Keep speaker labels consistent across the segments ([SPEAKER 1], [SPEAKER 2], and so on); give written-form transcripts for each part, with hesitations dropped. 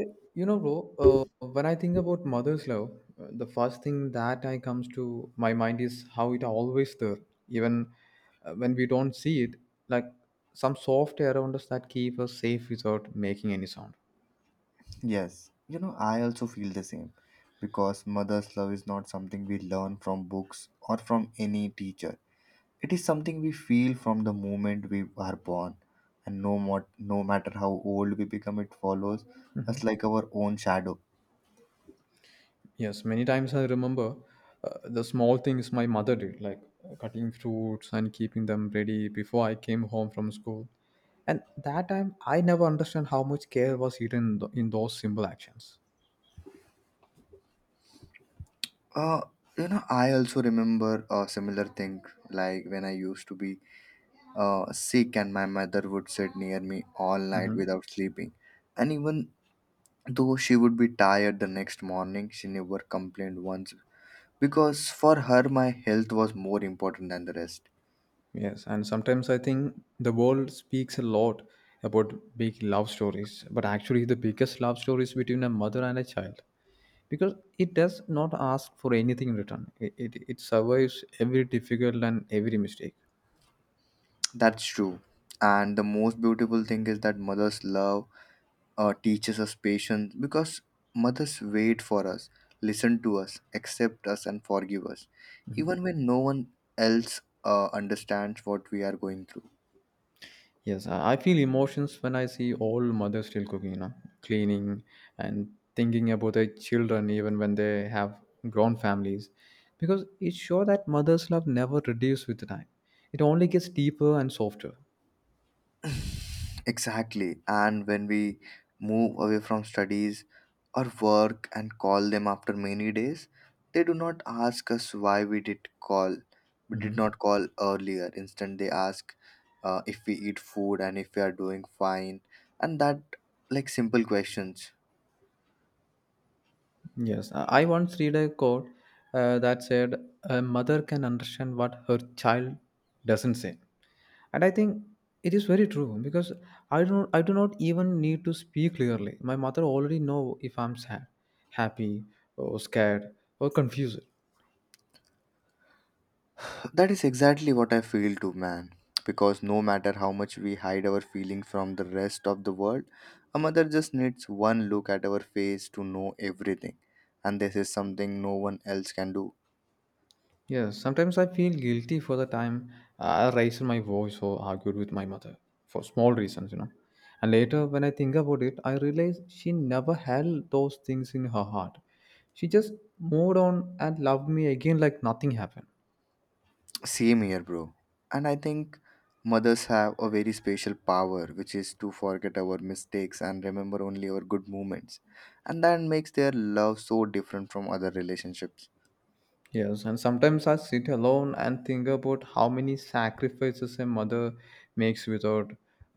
[SPEAKER 1] Eh, You know, bro, when I think about mother's love, the first thing that I comes to my mind is how it always there, even when we don't see it, like some soft air around us that keep us safe without making any sound.
[SPEAKER 2] Yes, you know, I also feel the same because mother's love is not something we learn from books or from any teacher. It is something we feel from the moment we are born, and no matter how old we become, it follows us
[SPEAKER 1] Mhm.
[SPEAKER 2] like our own shadow.
[SPEAKER 1] Yes, many times I remember the small things my mother did, like cutting fruits and keeping them ready before I came home from school. And that time, I never understand how much care was hidden in, in those simple actions.
[SPEAKER 2] Uh, I also remember a similar thing like when I used to be sick, and my mother would sit near me all night
[SPEAKER 1] Mhm.
[SPEAKER 2] without sleeping, and even though she would be tired the next morning, she never complained once because for her my health was more important than the rest.
[SPEAKER 1] Yes, and sometimes I think the world speaks a lot about big love stories, but actually the biggest love story is between a mother and a child because it does not ask for anything in return. It survives every difficult and every mistake.
[SPEAKER 2] That's true, and the most beautiful thing is that mother's love teaches us patience because mothers wait for us, listen to us, accept us, and forgive us even when no one else understands what we are going through.
[SPEAKER 1] Yes, I feel emotions when I see all mothers still cooking, cleaning and thinking about their children even when they have grown families because it shows that mother's love never reduces with time. It only gets deeper and softer.
[SPEAKER 2] Exactly. And when we move away from studies or work and call them after many days, they do not ask us why we did call. We did
[SPEAKER 1] Mhm.
[SPEAKER 2] not call earlier. Instead, they ask if we eat food and if we are doing fine, and that like simple questions.
[SPEAKER 1] Yes, I once read a quote that said, "A mother can understand what her child doesn't say," and I think it is very true because I do not even need to speak clearly. My mother already know if I'm sad, happy, or scared, or confused.
[SPEAKER 2] That is exactly what I feel too, man. Because no matter how much we hide our feelings from the rest of the world, a mother just needs one look at our face to know everything. And this is something no one else can do.
[SPEAKER 1] Yeah, sometimes I feel guilty for the time I raised my voice or argued with my mother for small reasons. And later, when I think about it, I realize she never held those things in her heart. She just moved on and loved me again like nothing happened.
[SPEAKER 2] Same here, bro. And I think mothers have a very special power, which is to forget our mistakes and remember only our good moments. And that makes their love so different from other relationships.
[SPEAKER 1] Yes, and sometimes I sit alone and think about how many sacrifices a mother makes without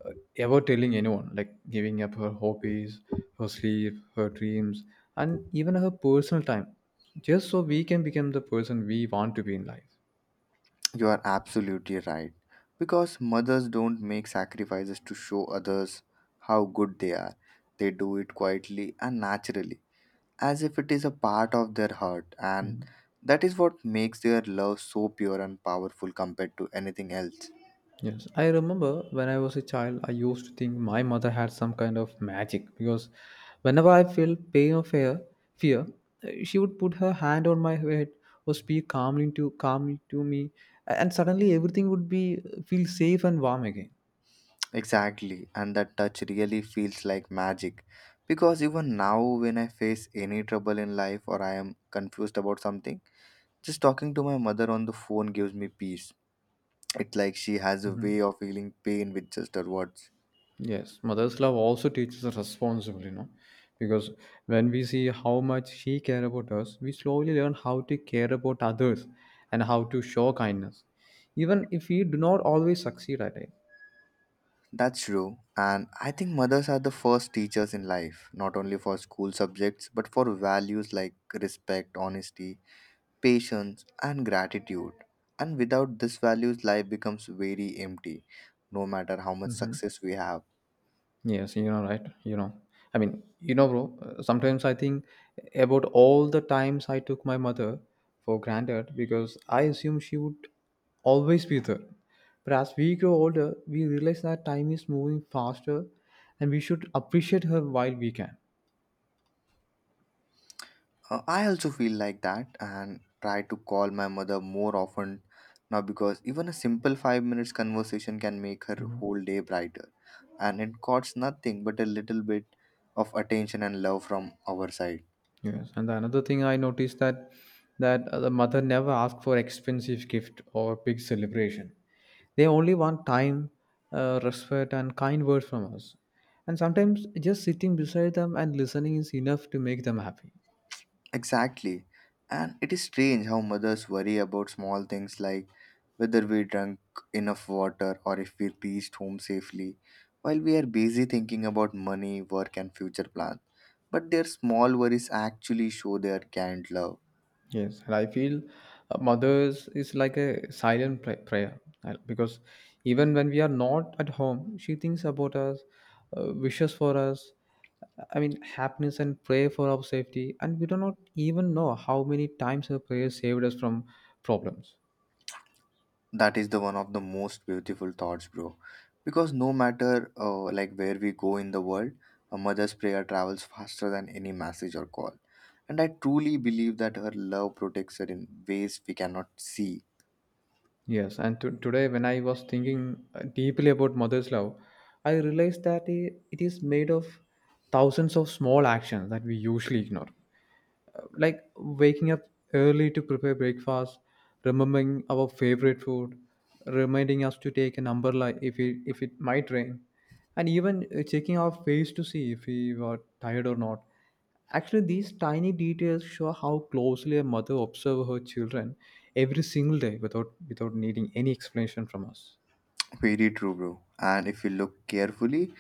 [SPEAKER 1] uh, ever telling anyone, like giving up her hobbies, her sleep, her dreams, and even her personal time, just so we can become the person we want to be in life.
[SPEAKER 2] You are absolutely right. Because mothers don't make sacrifices to show others how good they are. They do it quietly and naturally, as if it is a part of their heart, and that is what makes their love so pure and powerful compared to anything else.
[SPEAKER 1] Yes, I remember when I was a child, I used to think my mother had some kind of magic because whenever I felt pain or fear, she would put her hand on my head or speak calmly to calmly to me, and suddenly everything would be feel safe and warm again.
[SPEAKER 2] Exactly, and that touch really feels like magic. Because even now, when I face any trouble in life or I am confused about something, just talking to my mother on the phone gives me peace. It's like she has a
[SPEAKER 1] Hmm.
[SPEAKER 2] way of feeling pain with just her words.
[SPEAKER 1] Yes, mother's love also teaches us responsibility, because when we see how much she cares about us, we slowly learn how to care about others and how to show kindness, even if we do not always succeed at it.
[SPEAKER 2] That's true. And I think mothers are the first teachers in life, not only for school subjects, but for values like respect, honesty, patience, and gratitude. And without these values, life becomes very empty, no matter how much success we have.
[SPEAKER 1] Yes, you know, right? You know, I mean, you know, bro, Sometimes I think about all the times I took my mother for granted because I assumed she would always be there. But as we grow older, we realize that time is moving faster and we should appreciate her while we can.
[SPEAKER 2] I also feel like that and try to call my mother more often now because even a simple 5 minutes conversation can make her
[SPEAKER 1] Mm-hmm.
[SPEAKER 2] whole day brighter. And it costs nothing but a little bit of attention and love from our side.
[SPEAKER 1] Yes, and the another thing I noticed that the mother never asked for expensive gift or big celebration. They only want time, respect, and kind words from us. And sometimes just sitting beside them and listening is enough to make them happy.
[SPEAKER 2] Exactly. And it is strange how mothers worry about small things like whether we drank enough water or if we reached home safely, while we are busy thinking about money, work, and future plans. But their small worries actually show their kind love.
[SPEAKER 1] Yes, and I feel mothers is like a silent prayer because even when we are not at home, she thinks about us, wishes for us, happiness and pray for our safety, and we do not even know how many times her prayers saved us from problems.
[SPEAKER 2] That is the one of the most beautiful thoughts, bro. Because no matter like where we go in the world, a mother's prayer travels faster than any message or call. And I truly believe that her love protects her in ways we cannot see.
[SPEAKER 1] Yes, and to today, when I was thinking deeply about mother's love, I realized that it is made of thousands of small actions that we usually ignore. Like waking up early to prepare breakfast, remembering our favorite food, reminding us to take an umbrella if it might rain, and even checking our face to see if we were tired or not. Actually, these tiny details show how closely a mother observes her children every single day without needing any explanation from us.
[SPEAKER 2] Very true, bro. And if we look carefully,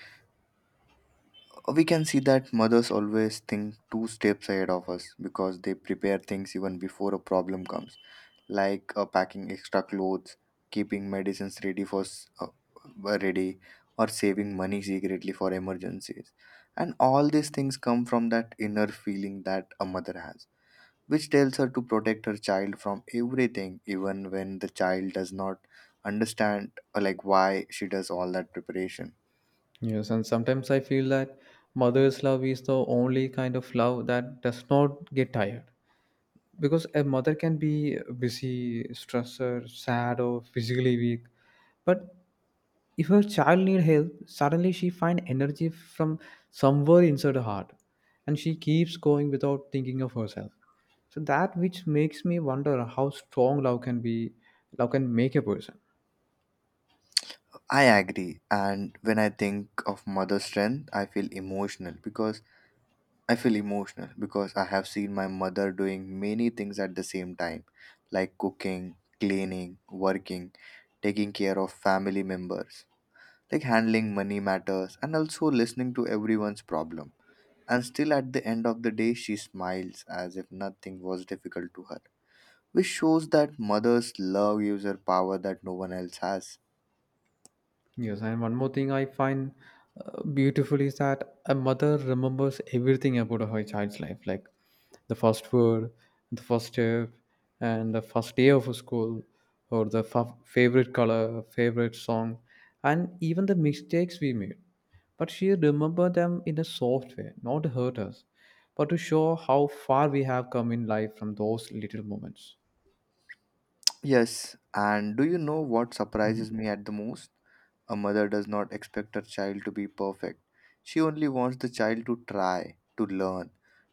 [SPEAKER 2] we can see that mothers always think two steps ahead of us because they prepare things even before a problem comes, like packing extra clothes, keeping medicines ready for ready, or saving money secretly for emergencies. And all these things come from that inner feeling that a mother has, which tells her to protect her child from everything, even when the child does not understand like why she does all that preparation.
[SPEAKER 1] Yes, and sometimes I feel that mother's love is the only kind of love that does not get tired, because a mother can be busy stressor sad or physically weak, but if her child need help suddenly she find energy from somewhere inside her heart and she keeps going without thinking of herself, so that which makes me wonder how strong love can be, love can make a person.
[SPEAKER 2] I agree, and when I think of mother strength, I feel emotional because I feel emotional because I have seen my mother doing many things at the same time, like cooking, cleaning, working, taking care of family members, like handling money matters, and also listening to everyone's problem. And still, at the end of the day, she smiles as if nothing was difficult to her, which shows that mother's love gives her power that no one else has.
[SPEAKER 1] Yes, and one more thing I find beautiful is that a mother remembers everything about her child's life, like the first word, the first step, and the first day of school, or the favorite color, favorite song, and even the mistakes we made. But she remembered them in a soft way, not to hurt us, but to show how far we have come in life from those little moments.
[SPEAKER 2] Yes, and do you know what surprises me at the most? A mother does not expect her child to be perfect. She only wants the child to try, to learn,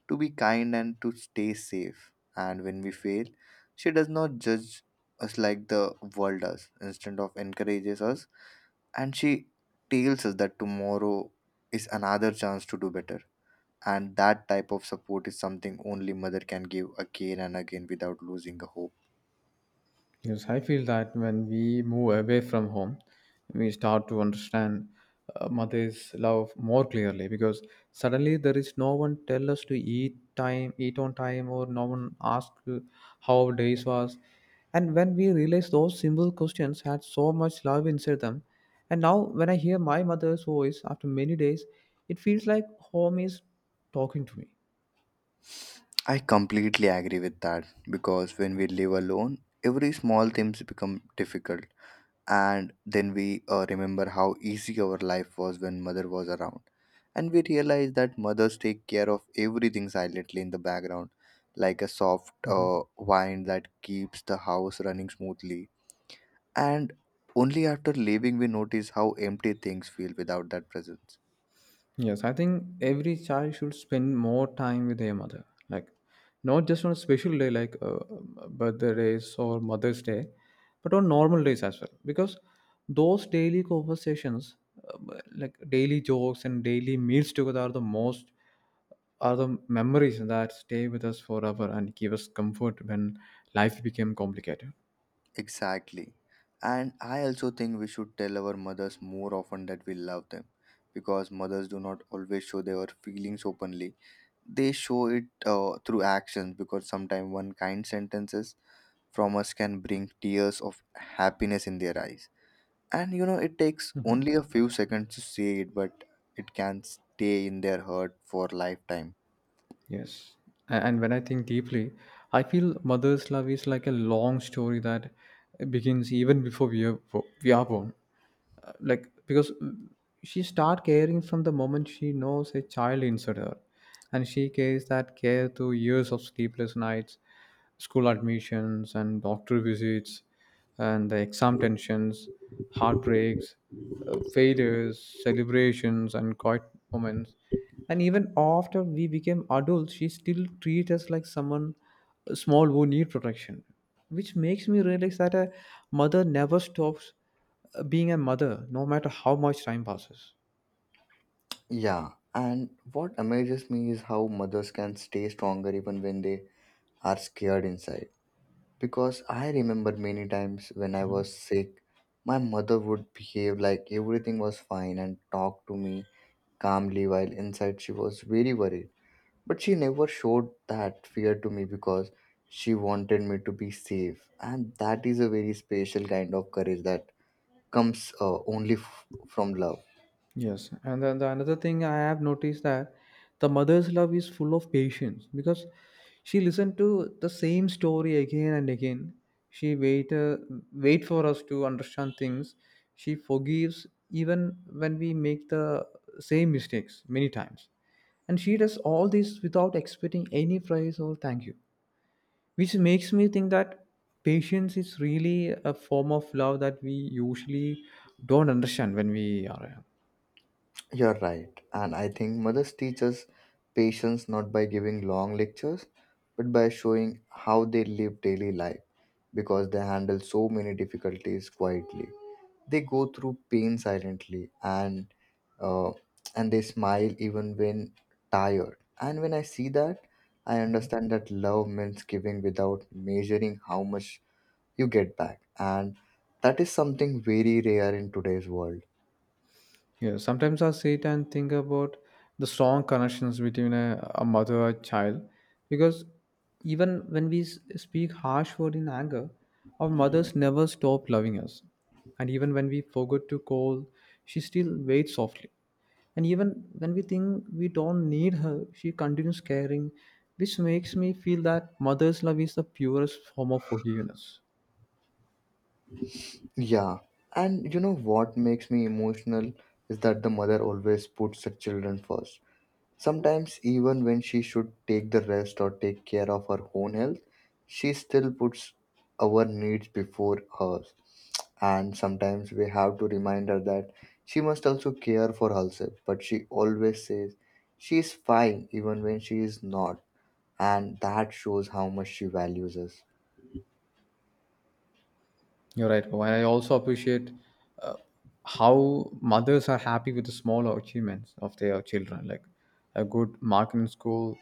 [SPEAKER 2] to be kind, and to stay safe. And when we fail, she does not judge us like the world does, instead of encourages us. And she tells us that tomorrow is another chance to do better. And that type of support is something only mother can give again and again without losing the hope.
[SPEAKER 1] Yes, I feel that when we move away from home, we start to understand mother's love more clearly because suddenly there is no one tell us to eat on time, or no one ask how our days was. And when we realize those simple questions had so much love inside them, and now when I hear my mother's voice after many days, it feels like home is talking to me.
[SPEAKER 2] I completely agree with that because when we live alone, every small things become difficult, and then we remember how easy our life was when mother was around, and we realize that mothers take care of everything silently in the background, like a soft
[SPEAKER 1] Mhm.
[SPEAKER 2] wind that keeps the house running smoothly, and only after leaving we notice how empty things feel without that presence.
[SPEAKER 1] Yes, I think every child should spend more time with their mother, like not just on a special day like birthdays or Mother's Day, but on normal days as well. Because those daily conversations, uh, like daily jokes and daily meals together, are the memories that stay with us forever and give us comfort when life became complicated.
[SPEAKER 2] Exactly. And I also think we should tell our mothers more often that we love them because mothers do not always show their feelings openly. They show it through actions because sometimes one kind sentences from us can bring tears of happiness in their eyes. And you know, it takes only a few seconds to say it, but it can stay in their heart for lifetime.
[SPEAKER 1] Yes. And when I think deeply, I feel mother's love is like a long story that begins even before we are born. Uh, like because mm, she start caring from the moment she knows a child inside her, and she carries that care through years of sleepless nights, school admissions and doctor visits, and the exam tensions, heartbreaks, failures, celebrations and quiet moments, and even after we became adults she still treats us like someone small who need protection, which makes me realize that a mother never stops being a mother no matter how much time passes.
[SPEAKER 2] Yeah, and what amazes me is how mothers can stay stronger even when they are scared inside because I remember many times when I was sick, my mother would behave like everything was fine and talk to me calmly while inside she was very worried. But she never showed that fear to me because she wanted me to be safe, and that is a very special kind of courage that comes only from love.
[SPEAKER 1] Yes. And then the another thing I have noticed that the mother's love is full of patience because she listened to the same story again and again, she wait for us to understand things, she forgives even when we make the same mistakes many times, and she does all this without expecting any praise or thank you, which makes me think that patience is really a form of love that we usually don't understand when we are young.
[SPEAKER 2] You're right, and I think mothers teach us patience not by giving long lectures but by showing how they live daily life because they handle so many difficulties quietly. They go through pain silently uh, and they smile even when tired. And when I see that, I understand that love means giving without measuring how much you get back. And that is something very rare in today's world.
[SPEAKER 1] Yeah, sometimes I sit and think about the strong connections between a mother and child because even when we speak harsh word in anger, our mothers never stop loving us. And even when we forget to call, she still waits softly. And even when we think we don't need her, she continues caring, which makes me feel that mother's love is the purest form of forgiveness.
[SPEAKER 2] Yeah. And you know what makes me emotional is that the mother always puts her children first. Sometimes, even when she should take the rest or take care of her own health, she still puts our needs before hers. And sometimes we have to remind her that she must also care for herself. But she always says she is fine even when she is not. And that shows how much she values us.
[SPEAKER 1] You're right, Pawan. I also appreciate uh, how mothers are happy with the small achievements of their children, like a good mark in school,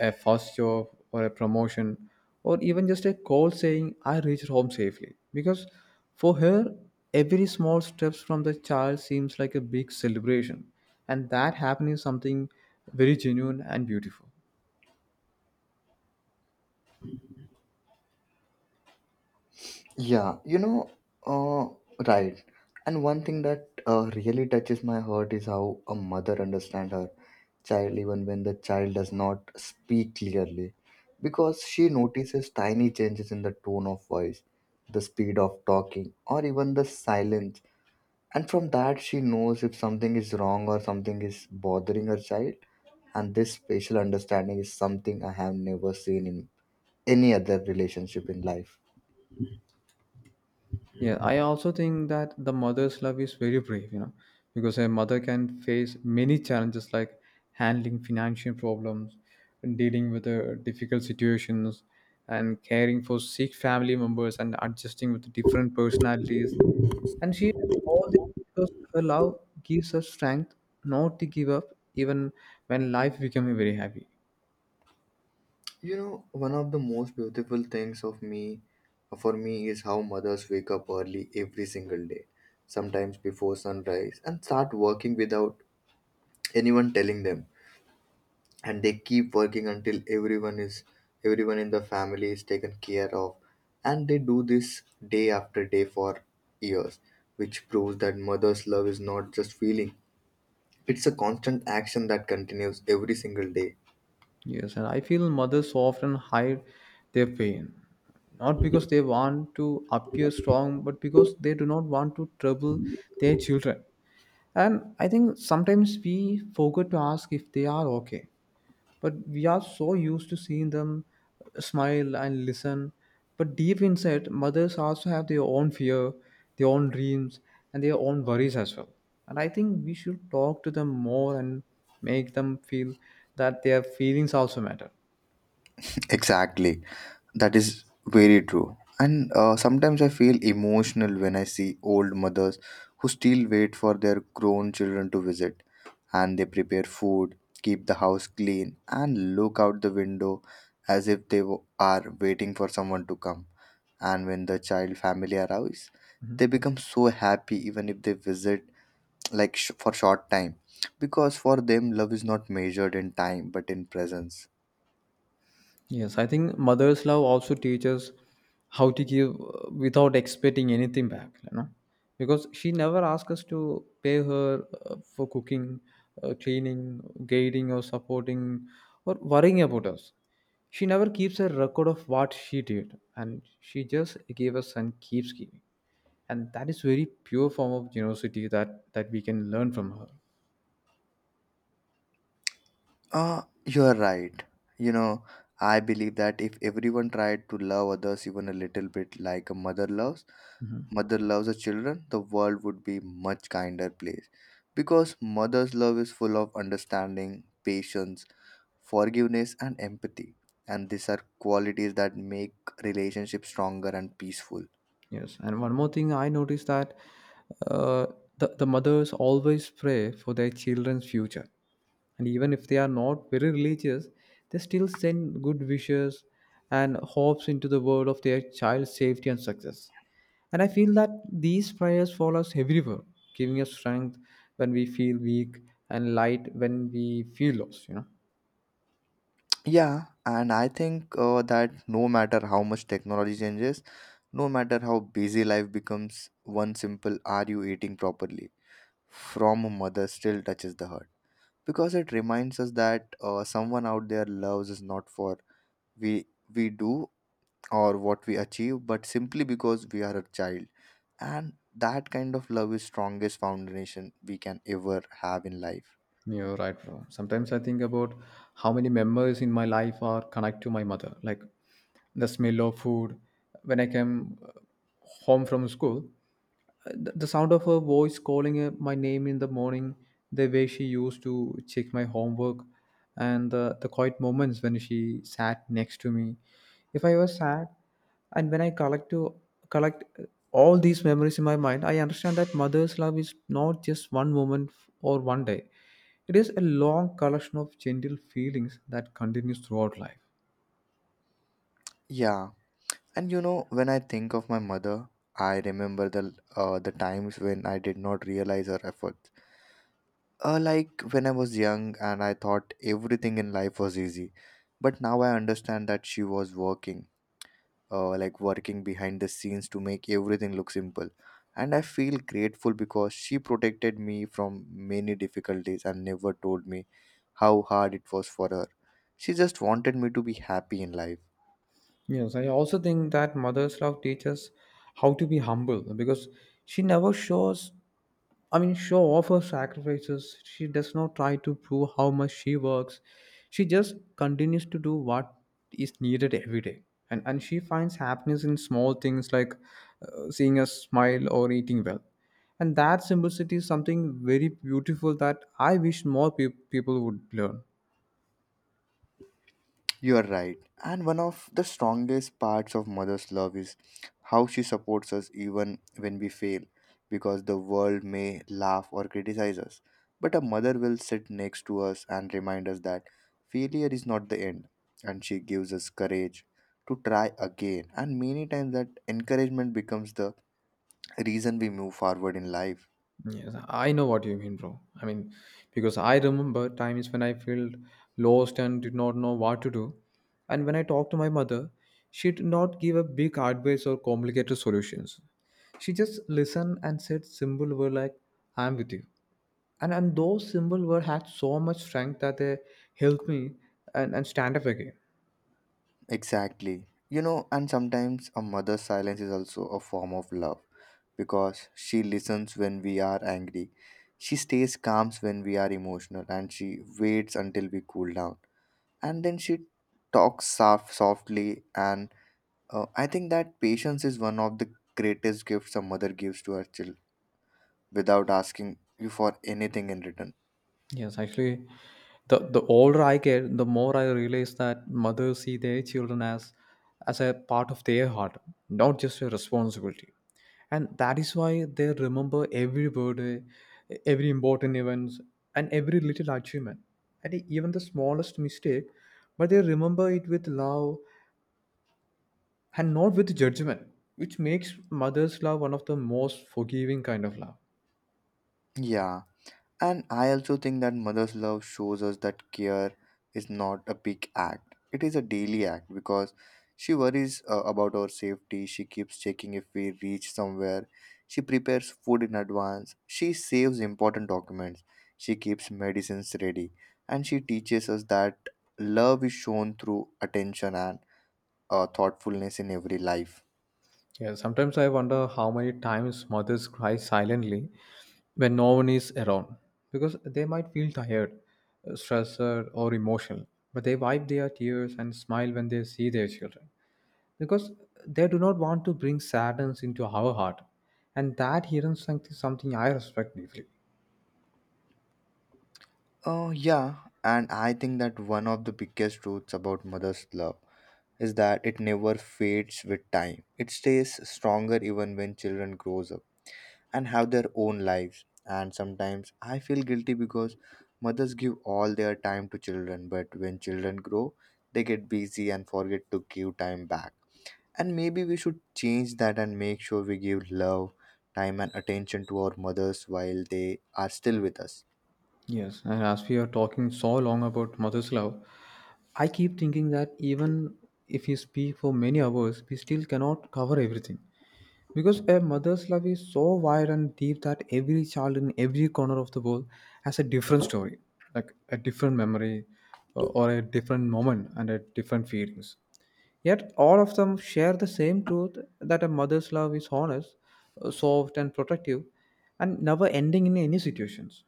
[SPEAKER 1] a first job, or a promotion, or even just a call saying, I reached home safely. Because for her, every small steps from the child seems like a big celebration. And that happening is something very genuine and beautiful.
[SPEAKER 2] Yeah, you know, uh, right. And one thing that really touches my heart is how a mother understands her child even when the child does not speak clearly because she notices tiny changes in the tone of voice, the speed of talking, or even the silence, and from that she knows if something is wrong or something is bothering her child. And this spatial understanding is something I have never seen in any other relationship in life.
[SPEAKER 1] Yeah, I also think that the mother's love is very brave, because a mother can face many challenges like handling financial problems, dealing with difficult situations, and caring for sick family members and adjusting with different personalities. And she does all this because her love gives her strength not to give up even when life becomes very heavy.
[SPEAKER 2] You know, one of the most beautiful things of me for me is how mothers wake up early every single day, sometimes before sunrise, and start working without anyone telling them. And they keep working until everyone in the family is taken care of. And they do this day after day for years, which proves that mother's love is not just feeling. It's a constant action that continues every single day.
[SPEAKER 1] Yes, and I feel mothers often hide their pain, not because they want to appear strong, but because they do not want to trouble their children. And I think sometimes we forget to ask if they are okay. But we are so used to seeing them smile and listen. But deep inside, mothers also have their own fear, their own dreams, and their own worries as well. And I think we should talk to them more and make them feel that their feelings also matter.
[SPEAKER 2] Exactly. That is very true. And sometimes I feel emotional when I see old mothers who still wait for their grown children to visit, and they prepare food, keep the house clean, and look out the window as if they are waiting for someone to come. And when the child family arrives, they become so happy even if they visit like for short time because for them love is not measured in time but in presence.
[SPEAKER 1] Yes, I think mother's love also teaches how to give without expecting anything back, because she never asks us to pay her for cooking, cleaning, guiding, or supporting, or worrying about us. She never keeps a record of what she did, and she just gave us and keeps giving, and that is very pure form of generosity that we can learn from her.
[SPEAKER 2] You're right. You know, I believe that if everyone tried to love others even a little bit like a mother loves her children, the world would be much kinder place. Because mother's love is full of understanding, patience, forgiveness, and empathy. And these are qualities that make relationships stronger and peaceful.
[SPEAKER 1] Yes, and one more thing I noticed that uh, the mothers always pray for their children's future. And even if they are not very religious, they still send good wishes and hopes into the world of their child's safety and success. And I feel that these prayers follow us everywhere, giving us strength when we feel weak and light when we feel lost, you know.
[SPEAKER 2] Yeah, and I think that no matter how much technology changes, no matter how busy life becomes, one simple "Are you eating properly?" from a mother still touches the heart because it reminds us that someone out there loves us not for we we do or what we achieve, but simply because we are a child, and that kind of love is strongest foundation we can ever have in life.
[SPEAKER 1] You're right, bro. Sometimes I think about how many memories in my life are connected to my mother. Like the smell of food when I came home from school, the sound of her voice calling my name in the morning, the way she used to check my homework, and the quiet moments when she sat next to me. If I was sad, and when I collect all these memories in my mind, I understand that mother's love is not just one moment or one day. It is a long collection of gentle feelings that continues throughout life.
[SPEAKER 2] Yeah, and you know, when I think of my mother, I remember the times when I did not realize her efforts. Like when I was young and I thought everything in life was easy, but now I understand that she was working, like working behind the scenes to make everything look simple. And I feel grateful because she protected me from many difficulties and never told me how hard it was for her. She just wanted me to be happy in life.
[SPEAKER 1] Yes, I also think that mother's love teaches how to be humble because she never show off her sacrifices. She does not try to prove how much she works. She just continues to do what is needed every day. And she finds happiness in small things like seeing a smile or eating well. And that simplicity is something very beautiful that I wish more people would learn.
[SPEAKER 2] You are right. And one of the strongest parts of mother's love is how she supports us even when we fail, because the world may laugh or criticize us. But a mother will sit next to us and remind us that failure is not the end, and she gives us courage to try again. And many times that encouragement becomes the reason we move forward in life.
[SPEAKER 1] Yes, I know what you mean, bro. I mean, because I remember times when I felt lost and did not know what to do. And when I talked to my mother, she did not give a big advice or complicated solutions. She just listened and said simple words like, I'm with you. And those simple words had so much strength that they helped me and stand up again.
[SPEAKER 2] Exactly. You know, and sometimes a mother's silence is also a form of love because she listens when we are angry. She stays calm when we are emotional and she waits until we cool down. And then she talks softly. And I think that patience is one of the greatest gifts a mother gives to her child without asking you for anything in return.
[SPEAKER 1] Yes, actually, the older I get, the more I realize that mothers see their children as a part of their heart, not just a responsibility. And that is why they remember every birthday, every important events, and every little achievement, and even the smallest mistake. But they remember it with love and not with judgment, which makes mother's love one of the most forgiving kind of love.
[SPEAKER 2] Yeah. And I also think that mother's love shows us that care is not a big act. It is a daily act because she worries about our safety. She keeps checking if we reach somewhere. She prepares food in advance. She saves important documents. She keeps medicines ready. And she teaches us that love is shown through attention and thoughtfulness in every life.
[SPEAKER 1] Yeah, sometimes I wonder how many times mothers cry silently when no one is around because they might feel tired, stressed, or emotional, but they wipe their tears and smile when they see their children because they do not want to bring sadness into our heart, and that hidden strength is something I respect deeply.
[SPEAKER 2] Oh, yeah. And I think that one of the biggest truths about mother's love is that it never fades with time. It stays stronger even when children grows up and have their own lives. And sometimes I feel guilty because mothers give all their time to children, but when children grow, they get busy and forget to give time back. And maybe we should change that and make sure we give love, time and attention to our mothers while they are still with us.
[SPEAKER 1] Yes, and as we are talking so long about mother's love, I keep thinking that even if we speak for many hours, we still cannot cover everything. Because a mother's love is so wide and deep that every child in every corner of the world has a different story, like a different memory or a different moment and a different feelings. Yet all of them share the same truth that a mother's love is honest, soft and protective and never ending in any situations.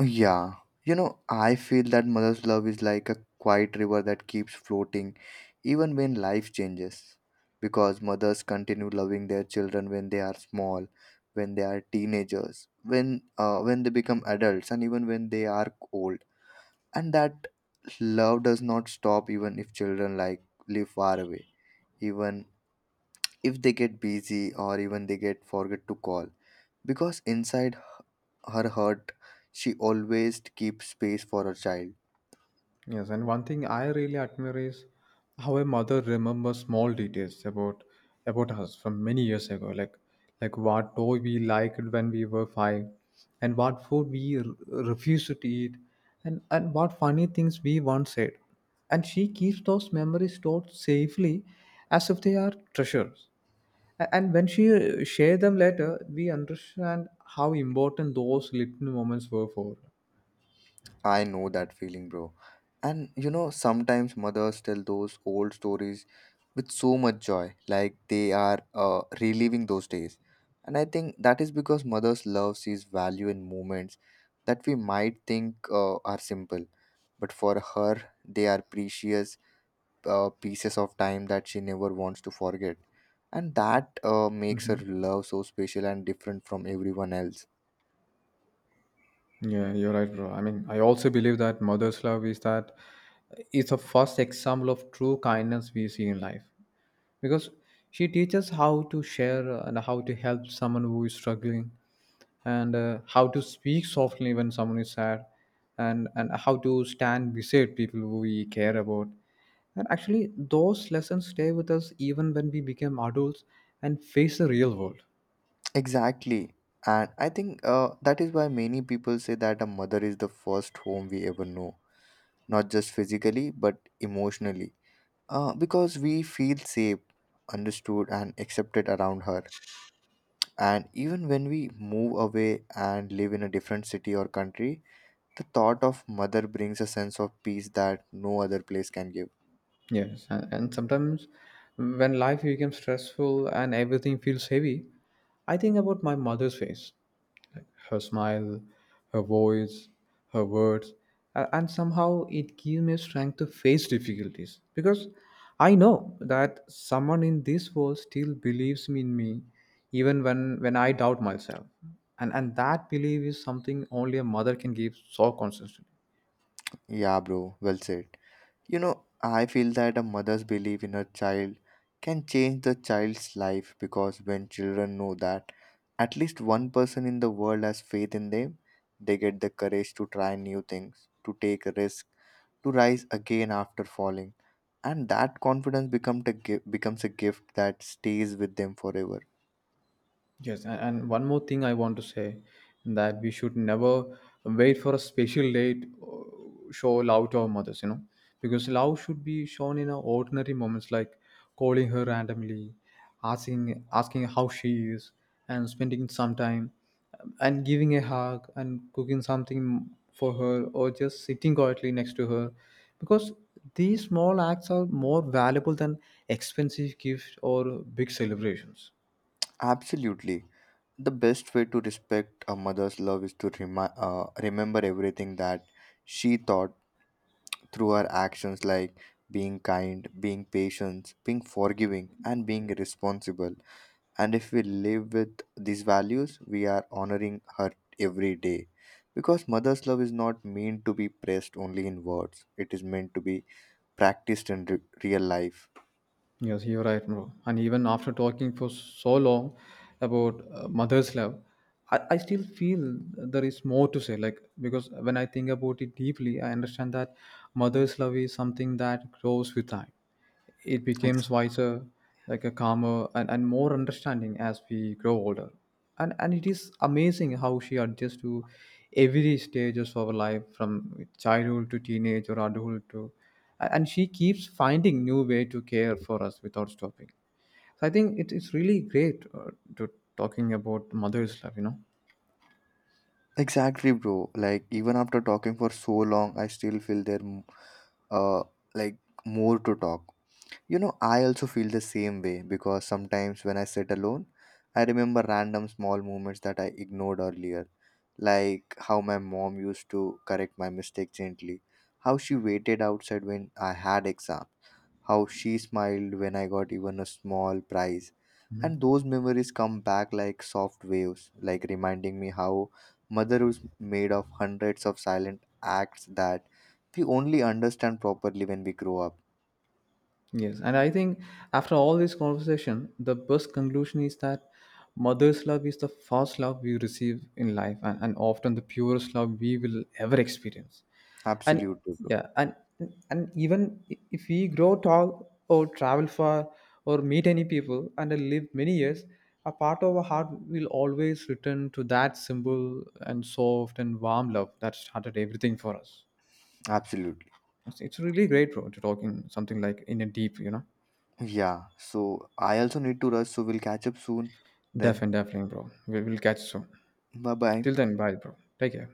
[SPEAKER 2] Yeah, you know, I feel that mother's love is like a quiet river that keeps floating even when life changes. Because mothers continue loving their children when they are small, when they are teenagers, when they become adults, and even when they are old. And that love does not stop even if children like live far away, even if they get busy or even they get forget to call. Because inside her heart, she always keeps space for her child.
[SPEAKER 1] Yes, and one thing I really admire is how a mother remembers small details about us from many years ago, like what toy we liked when we were five, and what food we refused to eat, and what funny things we once said, and she keeps those memories stored safely, as if they are treasures. And when she share them later, we understand how important those little moments were for.
[SPEAKER 2] I know that feeling, bro. And you know, sometimes mothers tell those old stories with so much joy, like they are reliving those days. And I think that is because mothers' love sees value in moments that we might think are simple, but for her, they are precious pieces of time that she never wants to forget. And that makes her love so special and different from everyone else.
[SPEAKER 1] Yeah, you're right, bro. I mean, I also believe that mother's love is that it's a first example of true kindness we see in life because she teaches how to share and how to help someone who is struggling and how to speak softly when someone is sad and how to stand beside people who we care about. And actually, those lessons stay with us even when we become adults and face the real world.
[SPEAKER 2] Exactly. And I think that is why many people say that a mother is the first home we ever know, not just physically, but emotionally. Because we feel safe, understood, and accepted around her. And even when we move away and live in a different city or country, the thought of mother brings a sense of peace that no other place can give.
[SPEAKER 1] Yes, and sometimes when life becomes stressful and everything feels heavy, I think about my mother's face, her smile, her voice, her words, and somehow it gives me strength to face difficulties because I know that someone in this world still believes in me even when I doubt myself. And that belief is something only a mother can give so consistently.
[SPEAKER 2] Yeah, bro, well said. You know, I feel that a mother's belief in her child can change the child's life because when children know that at least one person in the world has faith in them, they get the courage to try new things, to take a risk, to rise again after falling. And that confidence becomes becomes a gift that stays with them forever.
[SPEAKER 1] Yes, and one more thing I want to say that we should never wait for a special date show love to our mothers, you know, because love should be shown in our ordinary moments like calling her randomly, asking how she is, and spending some time, and giving a hug and cooking something for her, or just sitting quietly next to her, because these small acts are more valuable than expensive gifts or big celebrations.
[SPEAKER 2] Absolutely. The best way to respect a mother's love is to remember everything that she thought through our actions like being kind, being patient, being forgiving, and being responsible. And if we live with these values, we are honoring her every day. Because mother's love is not meant to be pressed only in words, it is meant to be practiced in real life.
[SPEAKER 1] Yes, you're right, bro. And even after talking for so long about mother's love, I still feel there is more to say. Like, because when I think about it deeply, I understand that mother's love is something that grows with time. It
[SPEAKER 2] Ex-
[SPEAKER 1] becomes wiser, like a calmer and more understanding as we grow older. And it is amazing how she adjusts to every stages of our life, from childhood to teenage or adulthood to and she keeps finding new way to care for us without stopping. So I think it is really great to talking about mother's love, you know.
[SPEAKER 2] exactly, bro. Like, even after talking for so long, I still feel uh, like, more to talk. You know, I also feel the same way because sometimes when I sit alone, I remember random small moments that I ignored earlier, like how my mom used to correct my mistake gently, how she waited outside when I had exam, how she smiled when I got even a small prize. And those memories come back like soft waves, like reminding me how mother was made of hundreds of silent acts that we only understand properly when we grow up.
[SPEAKER 1] Yes, and I think after all this conversation, the best conclusion is that mother's love is the first love we receive in life and often the purest love we will ever experience. And
[SPEAKER 2] Absolutely, bro.
[SPEAKER 1] yeah, and even if we grow tall or travel far or meet any people and live many years, a part of our heart will always return to that simple and soft and warm love that started everything for us.
[SPEAKER 2] Absolutely.
[SPEAKER 1] It's really great, bro, to talking something like in a deep, you know.
[SPEAKER 2] Yeah. So I also need to rush, so we'll catch up soon. Then,
[SPEAKER 1] Definitely, definitely, bro. We will catch soon.
[SPEAKER 2] bye bye.
[SPEAKER 1] Till then, bye, bro. Take care.